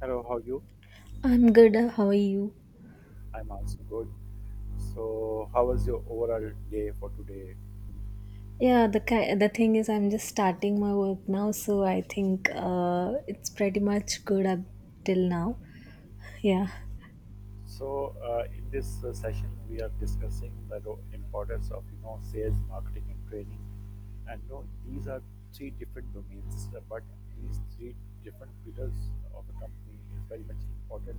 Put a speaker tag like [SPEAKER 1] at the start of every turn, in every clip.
[SPEAKER 1] Hello, how are you?
[SPEAKER 2] I'm good. How are you?
[SPEAKER 1] I'm also good. So, how was your overall day for today?
[SPEAKER 2] Yeah, the thing is, I'm just starting my work now, so I think it's pretty much good up till now. Yeah.
[SPEAKER 1] So, in this session, we are discussing the importance of sales, marketing, and training. And you know, these are three different domains, but these three different pillars of a company is very much important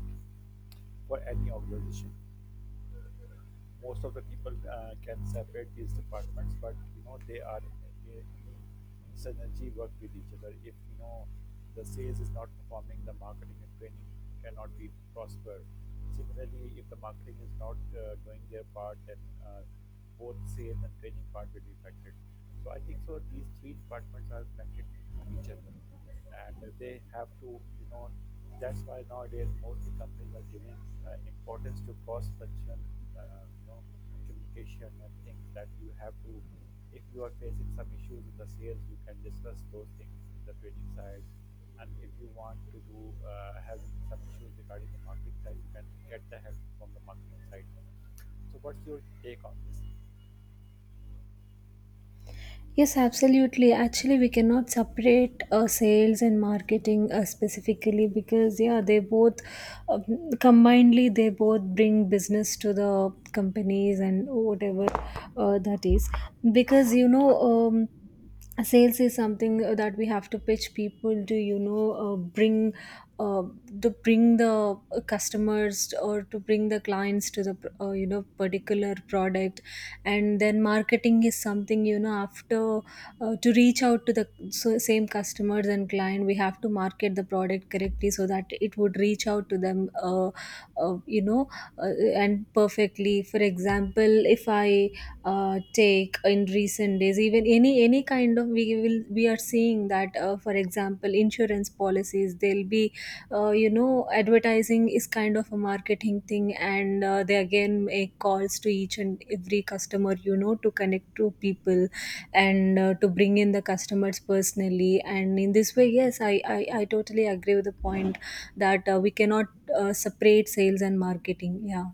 [SPEAKER 1] for any organization. Most of the people can separate these departments, but you know they synergy work with each other. If you know the sales is not performing, the marketing and training cannot be prosper. Similarly, if the marketing is not doing their part, then both sales and training part will be affected. So I think so. These three departments are connected to each other and they have to you know that's why nowadays most the companies are giving importance to cross functional uh, you know communication and things that you have to if you are facing some issues in the sales you can discuss those things in the trading side, and if you want to do having some issues regarding the marketing side you can get the help from the marketing side. So what's your take on this?
[SPEAKER 2] Yes, absolutely. Actually, we cannot separate sales and marketing specifically because yeah, they both um, combinedly they both bring business to the companies and whatever that is. Because you know, sales is something that we have to pitch people to bring uh, to bring the customers or to bring the clients to the you know particular product, and then marketing is something you know after to reach out to the so same customers and client. We have to market the product correctly so that it would reach out to them, uh, you know uh, and perfectly. For example, if I take in recent days, even any kind of, we are seeing that, for example, insurance policies, they'll be you know, advertising is kind of a marketing thing, and they again make calls to each and every customer, you know, to connect to people and to bring in the customers personally. And in this way, yes, I totally agree with the point that we cannot separate sales and marketing. Yeah.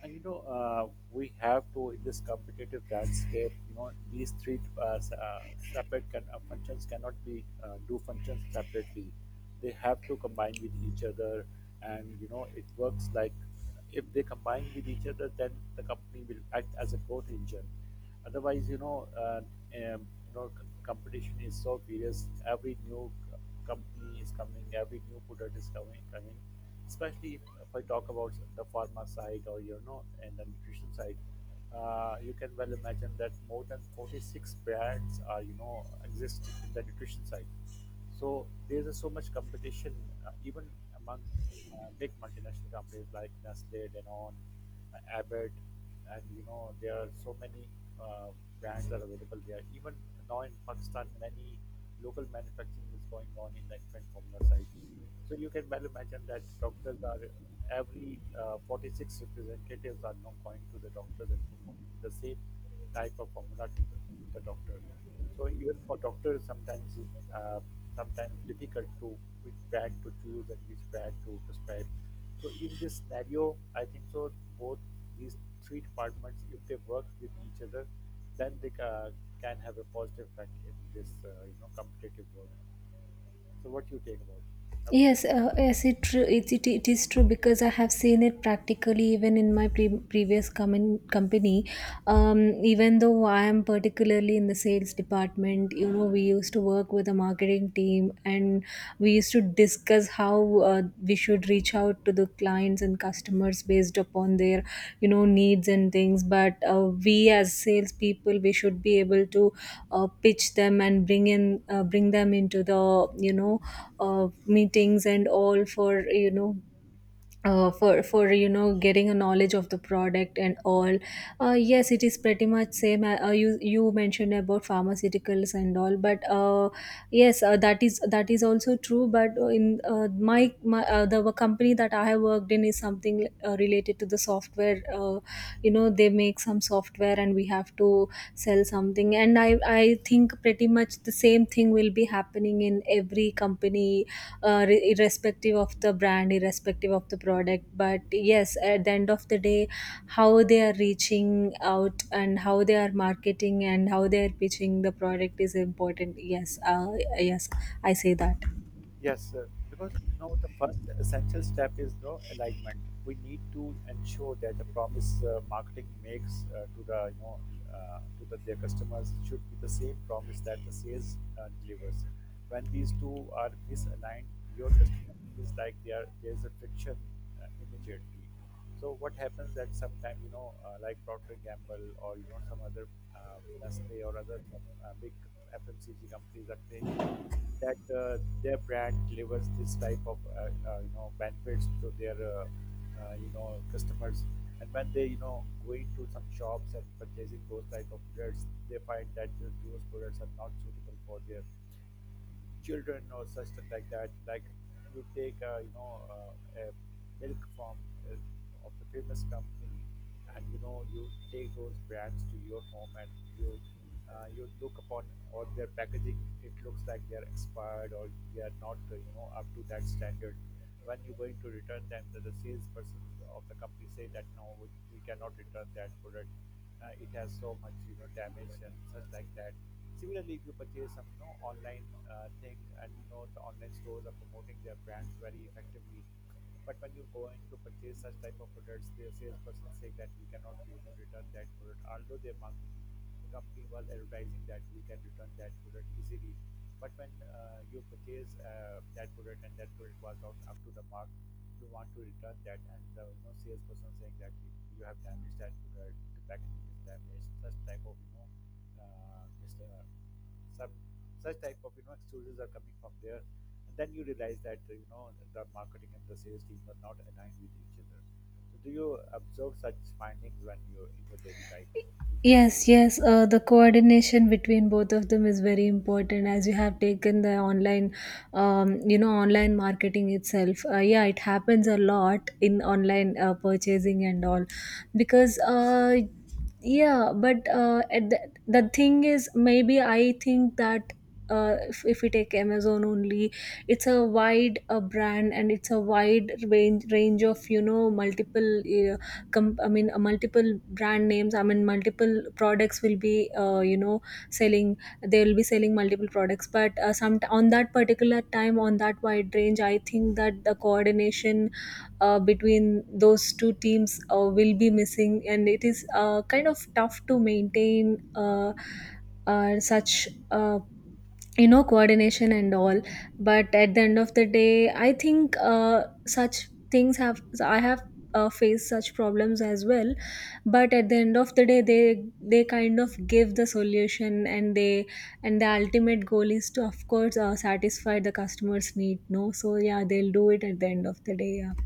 [SPEAKER 1] And you know, we have to in this competitive landscape. You know, these three separate functions cannot be do functions separately. They have to combine with each other, and you know, it works like if they combine with each other, then the company will act as a growth engine. Otherwise, competition is so fierce. Every company is coming. Every new product is coming. Coming especially if I talk about the pharma side or you know and the nutrition side. You can well imagine that more than 46 brands are you know exist in the nutrition side. So there's a so much competition even among big multinational companies like Nestle, Danone, Abbott, and you know there are so many uh, brands that are available there. Even now in Pakistan, many local manufacturing is going on in the infant formula side. So you can well imagine that doctors are every 46 representatives are now going to the doctors and promoting the same type of formula to the doctors. So even for doctors, sometimes uh, sometimes difficult to which brand to choose and which brand to prescribe. So in this scenario, I think so both these three departments, if they work with each other, then they ca can have a positive effect in this you know competitive world. So what do you take about
[SPEAKER 2] Yes,
[SPEAKER 1] it?
[SPEAKER 2] yes, it true. It is true because I have seen it practically even in my previous company. Even though I am particularly in the sales department, you know, we used to work with a marketing team, and we used to discuss how we should reach out to the clients and customers based upon their you know needs and things. But we as salespeople, we should be able to pitch them and bring in bring them into the you know uh, meetings and all for you know getting a knowledge of the product and all. Yes, it is pretty much same. You you mentioned about pharmaceuticals and all, but yes that is also true. But in my, my the company that I have worked in is something related to the software. You know, they make some software and we have to sell something. And I think pretty much the same thing will be happening in every company, irrespective of the brand, irrespective of the product. But yes, at the end of the day, how they are reaching out and how they are marketing and how they are pitching the product is important. Yes, yes, I say that.
[SPEAKER 1] Yes, sir. Because you know the first essential step is no alignment. We need to ensure that the promise marketing makes to the you know to their customers should be the same promise that the sales delivers. When these two are misaligned, your customer feels like there is a friction immediately. So what happens that sometimes like Procter & Gamble or you know some other Nestle or other some big FMCG companies are claiming that their brand delivers this type of you know benefits to their you know customers, and when they you know going to some shops and purchasing those type of products, they find that those products are not suitable for their children or such thing like that. Like you take a you know a milk from uh, of a famous company, and you know you take those brands to your home and you you look upon all their packaging. It looks like they are expired or they are not you know up to that standard. When you're going to return them, the salesperson of the company say that no, we cannot return that product. It has so much you know damage and such like that. Similarly, if you purchase some you know, online thing and you know the online stores are promoting their brands very effectively, but when you go in to purchase such type of products, the salesperson say that we cannot you know return that product. Although their marketing company was advertising that we can return that product easily, but when you purchase that product and that product was not up to the mark, you want to return that, and the you know salesperson saying that you have damaged that product, the packaging is damaged, such type of you know uh, just, uh, some such type of you know excuses are coming from there and then you realize that you know the marketing and the sales team are not aligned with each other. So do you observe such findings when you're in your daily life?
[SPEAKER 2] Yes, yes. The coordination between both of them is very important, as you have taken the online, you know, online marketing itself. Yeah, it happens a lot in online purchasing and all because, yeah. But the thing is, maybe I think that. If we take Amazon only, it's a wide brand and it's a wide range of you know multiple multiple brand names, I mean multiple products will be you know selling they will be selling multiple products. But some on that particular time, on that wide range, I think that the coordination between those two teams will be missing, and it is kind of tough to maintain such you know coordination and all. But at the end of the day, I think such things have I have faced such problems as well. But at the end of the day, they kind of give the solution, and they, and the ultimate goal is to, of course, satisfy the customer's need, no? So yeah, they'll do it at the end of the day. Yeah.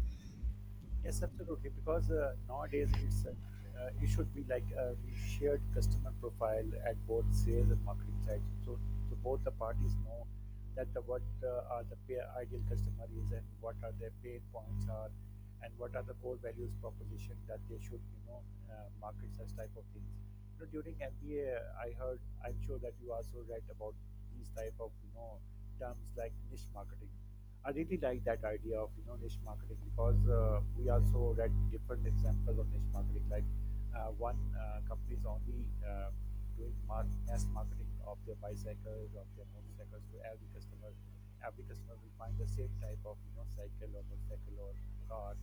[SPEAKER 1] Yes, absolutely. Because nowadays it should be like a shared customer profile at both sales and marketing sides. So, so both the parties know that what are the ideal customer is and what are their pain points are, and what are the core values proposition that they should you know market such type of things. You know, during MBA, I heard. I'm sure that you also read about these type of you know terms like niche marketing. I really like that idea of you know niche marketing because we also read different examples of niche marketing. Like one company is only doing mass marketing of their bicycles, of their motorcycles to every customer. Every customer will find the same type of you know cycle or motorcycle or car,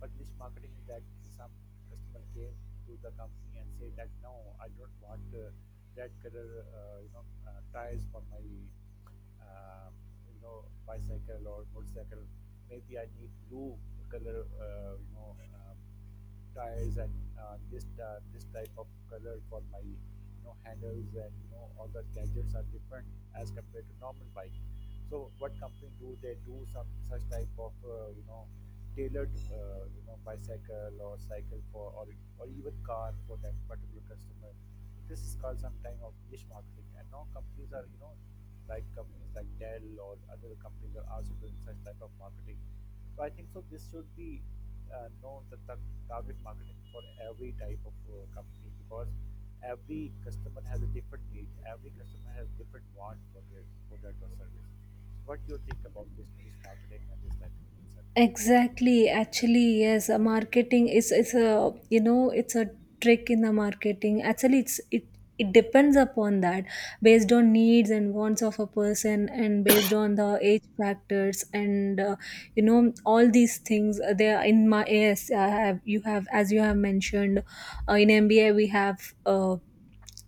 [SPEAKER 1] but this marketing that some customer came to the company and say that no, I don't want red color, tires for my, uh, bicycle or motorcycle. Maybe I need blue color, tires and this type of color for my, you know, handles and you know all the gadgets are different as compared to normal bike. So what company do they do some such type of you know tailored you know bicycle or cycle for or even car for that particular customer? This is called some time of niche marketing, and now companies are you know like companies like Dell or other companies are also doing such type of marketing. So I think so this should be know the target marketing for every type of company because every customer has a different need, every customer has different want for their product or service. So what do you think about this niche marketing and this type of concept?
[SPEAKER 2] Exactly. Actually, yes, marketing is a you know it's a trick in the marketing. Actually, it depends upon that, based on needs and wants of a person and based on the age factors and you know all these things. They are in my Yes, I have you have, as you have mentioned, in MBA we have uh,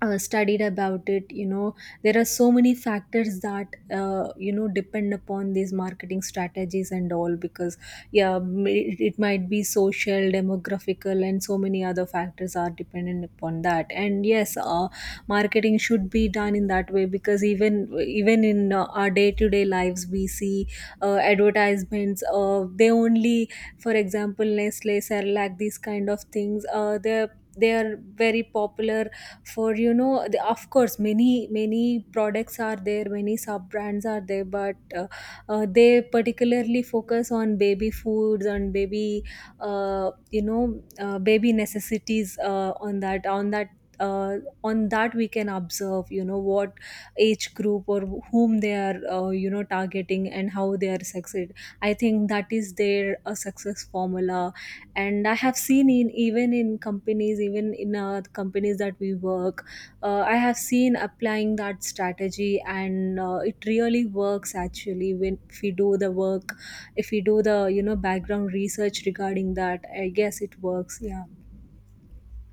[SPEAKER 2] studied about it. You know, there are so many factors that you know depend upon these marketing strategies and all. Because yeah, it, it might be social, demographical, and so many other factors are dependent upon that. And yes, marketing should be done in that way, because even even in our day to day lives, we see advertisements. They only, for example, Nestle Cerelac, these kind of things, they are very popular for you know. The, of course, many many products are there, many sub brands are there, but they particularly focus on baby foods and baby baby necessities. Uh, on that we can observe, you know, what age group or whom they are you know targeting and how they are succeed. I think that is their success formula. And I have seen in even in companies, even in companies that we work, I have seen applying that strategy, and it really works actually. When if we do the work if we do the you know background research regarding that, I guess it works. Yeah.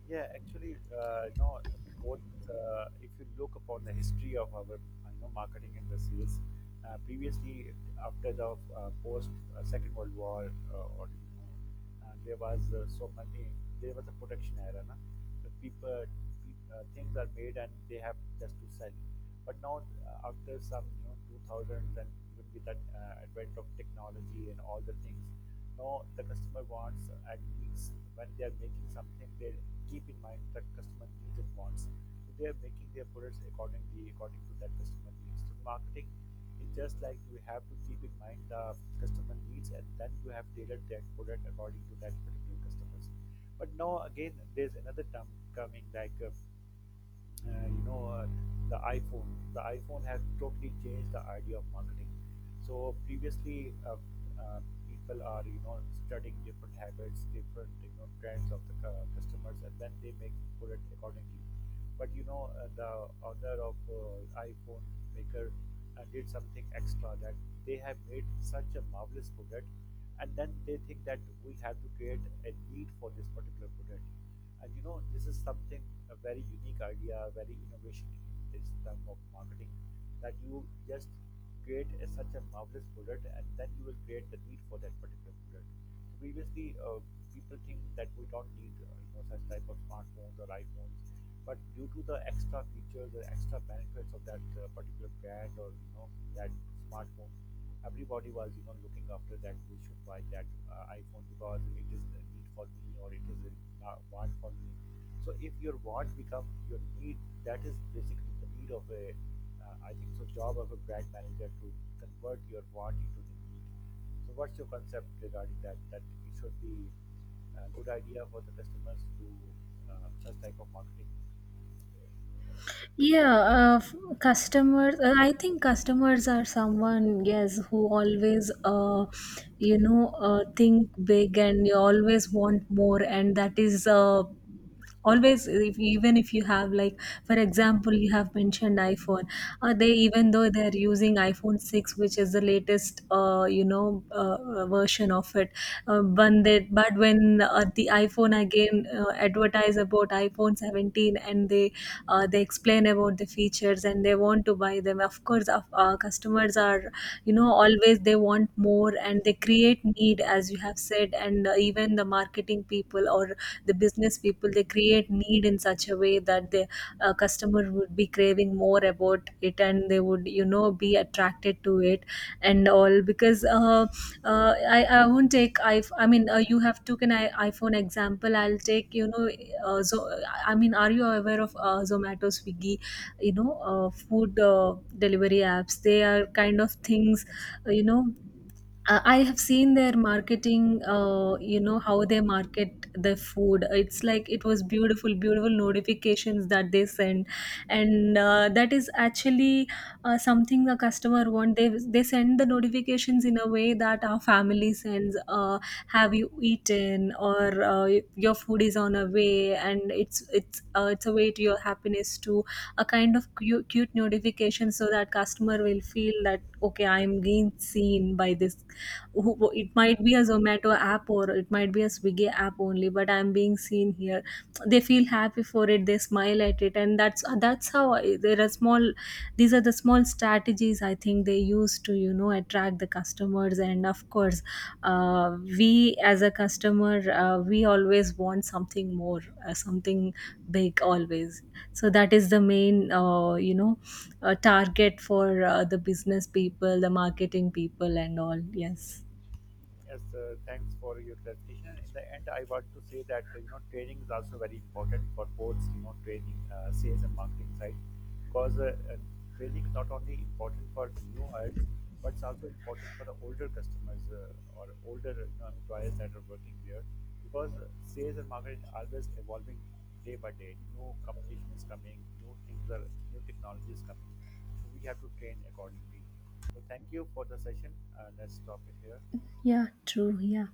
[SPEAKER 1] Yeah, actually, both, if you look upon the history of our, marketing and the sales, previously, after the post Second World War, or you know, there was so many, there was a protection era, na? The people, things are made and they have just to sell. But now, after some you know 2000s and even with that advent of technology and all the things, now the customer wants at least when they are making something, they keep in mind the customer needs and wants. So they are making their products accordingly, according to that customer needs. So marketing is just like you have to keep in mind the customer needs and then you have tailored that product according to that particular customer's. But now again, there's another term coming like, uh, you know, uh, the iPhone. The iPhone has totally changed the idea of marketing. So previously, uh, people are you know studying different habits, different you know trends of the customers, and then they make product accordingly. But you know, the author of iPhone maker did something extra that they have made such a marvelous product and then they think that we have to create a need for this particular product and you know, this is something a very unique idea, a very innovation in this term of marketing that you just create a, such a marvelous product and then you will create the need for that particular product. So previously, people think that we don't need you know, such type of smartphones or iPhones, but due to the extra features, the extra benefits of that particular brand or you know that smartphone, everybody was you know looking after that we should buy that iphone because it is the need for me or it is a want for me. So if your want become your need, that is basically the need of a, I think so job of a brand manager to convert your want into the need. So what's your concept regarding that, that it should be a good idea for the customers to do such type of marketing?
[SPEAKER 2] Yeah, customers. I think customers are someone, yes, who always, you know, think big and you always want more. And that is always. If, Even if you have, like, for example, you have mentioned iphone, they, even though they're using iphone 6, which is the latest version of it, when the iphone again advertise about iphone 17 online, and they explain about the features, and they want to buy them. Of course, customers are, you know, always they want more, and they create need, as you have said. And even the marketing people or the business people, they create need in such a way that the customer would be craving more about it, and they would, you know, be attracted to it and all. Because I won't take. I mean, you have taken an iphone example, I'll take, you know, uh, so I mean, are you aware of Zomato, Swiggy, you know, food delivery apps? They are kind of things,
[SPEAKER 1] Yes.
[SPEAKER 2] you know, I have seen their marketing, you know, how they market the food. It's like it was beautiful, beautiful notifications that they send. And that is actually something a customer want. They send the notifications in a way that our family sends, have you eaten, or your food is on a way. And it's a way to your happiness too. A kind of cute, cute notification, so that customer will feel that, okay, I'm being seen by this it might be a Zomato app or it might be a Swiggy app only, but I'm being seen here. They feel happy for it, they smile at it, and that's how I, there are small, these are the small strategies I think they use to you know attract the customers. And of course, we as a customer, we always want something more, something big always. So that is the main you know target for the business people, the marketing people and all. Yes.
[SPEAKER 1] Yes, thanks for your clarification. And in the end, I want to say that you know training is also very important for both you know training sales and marketing side because training is not only important for new hires but it's also important for the older customers or older you know, employers that are working there because sales and marketing are always evolving day by day. New competition is coming, new things are, new technology is coming. So we have to train accordingly. So thank you for the session. Let's stop it here.
[SPEAKER 2] Yeah, true. Yeah.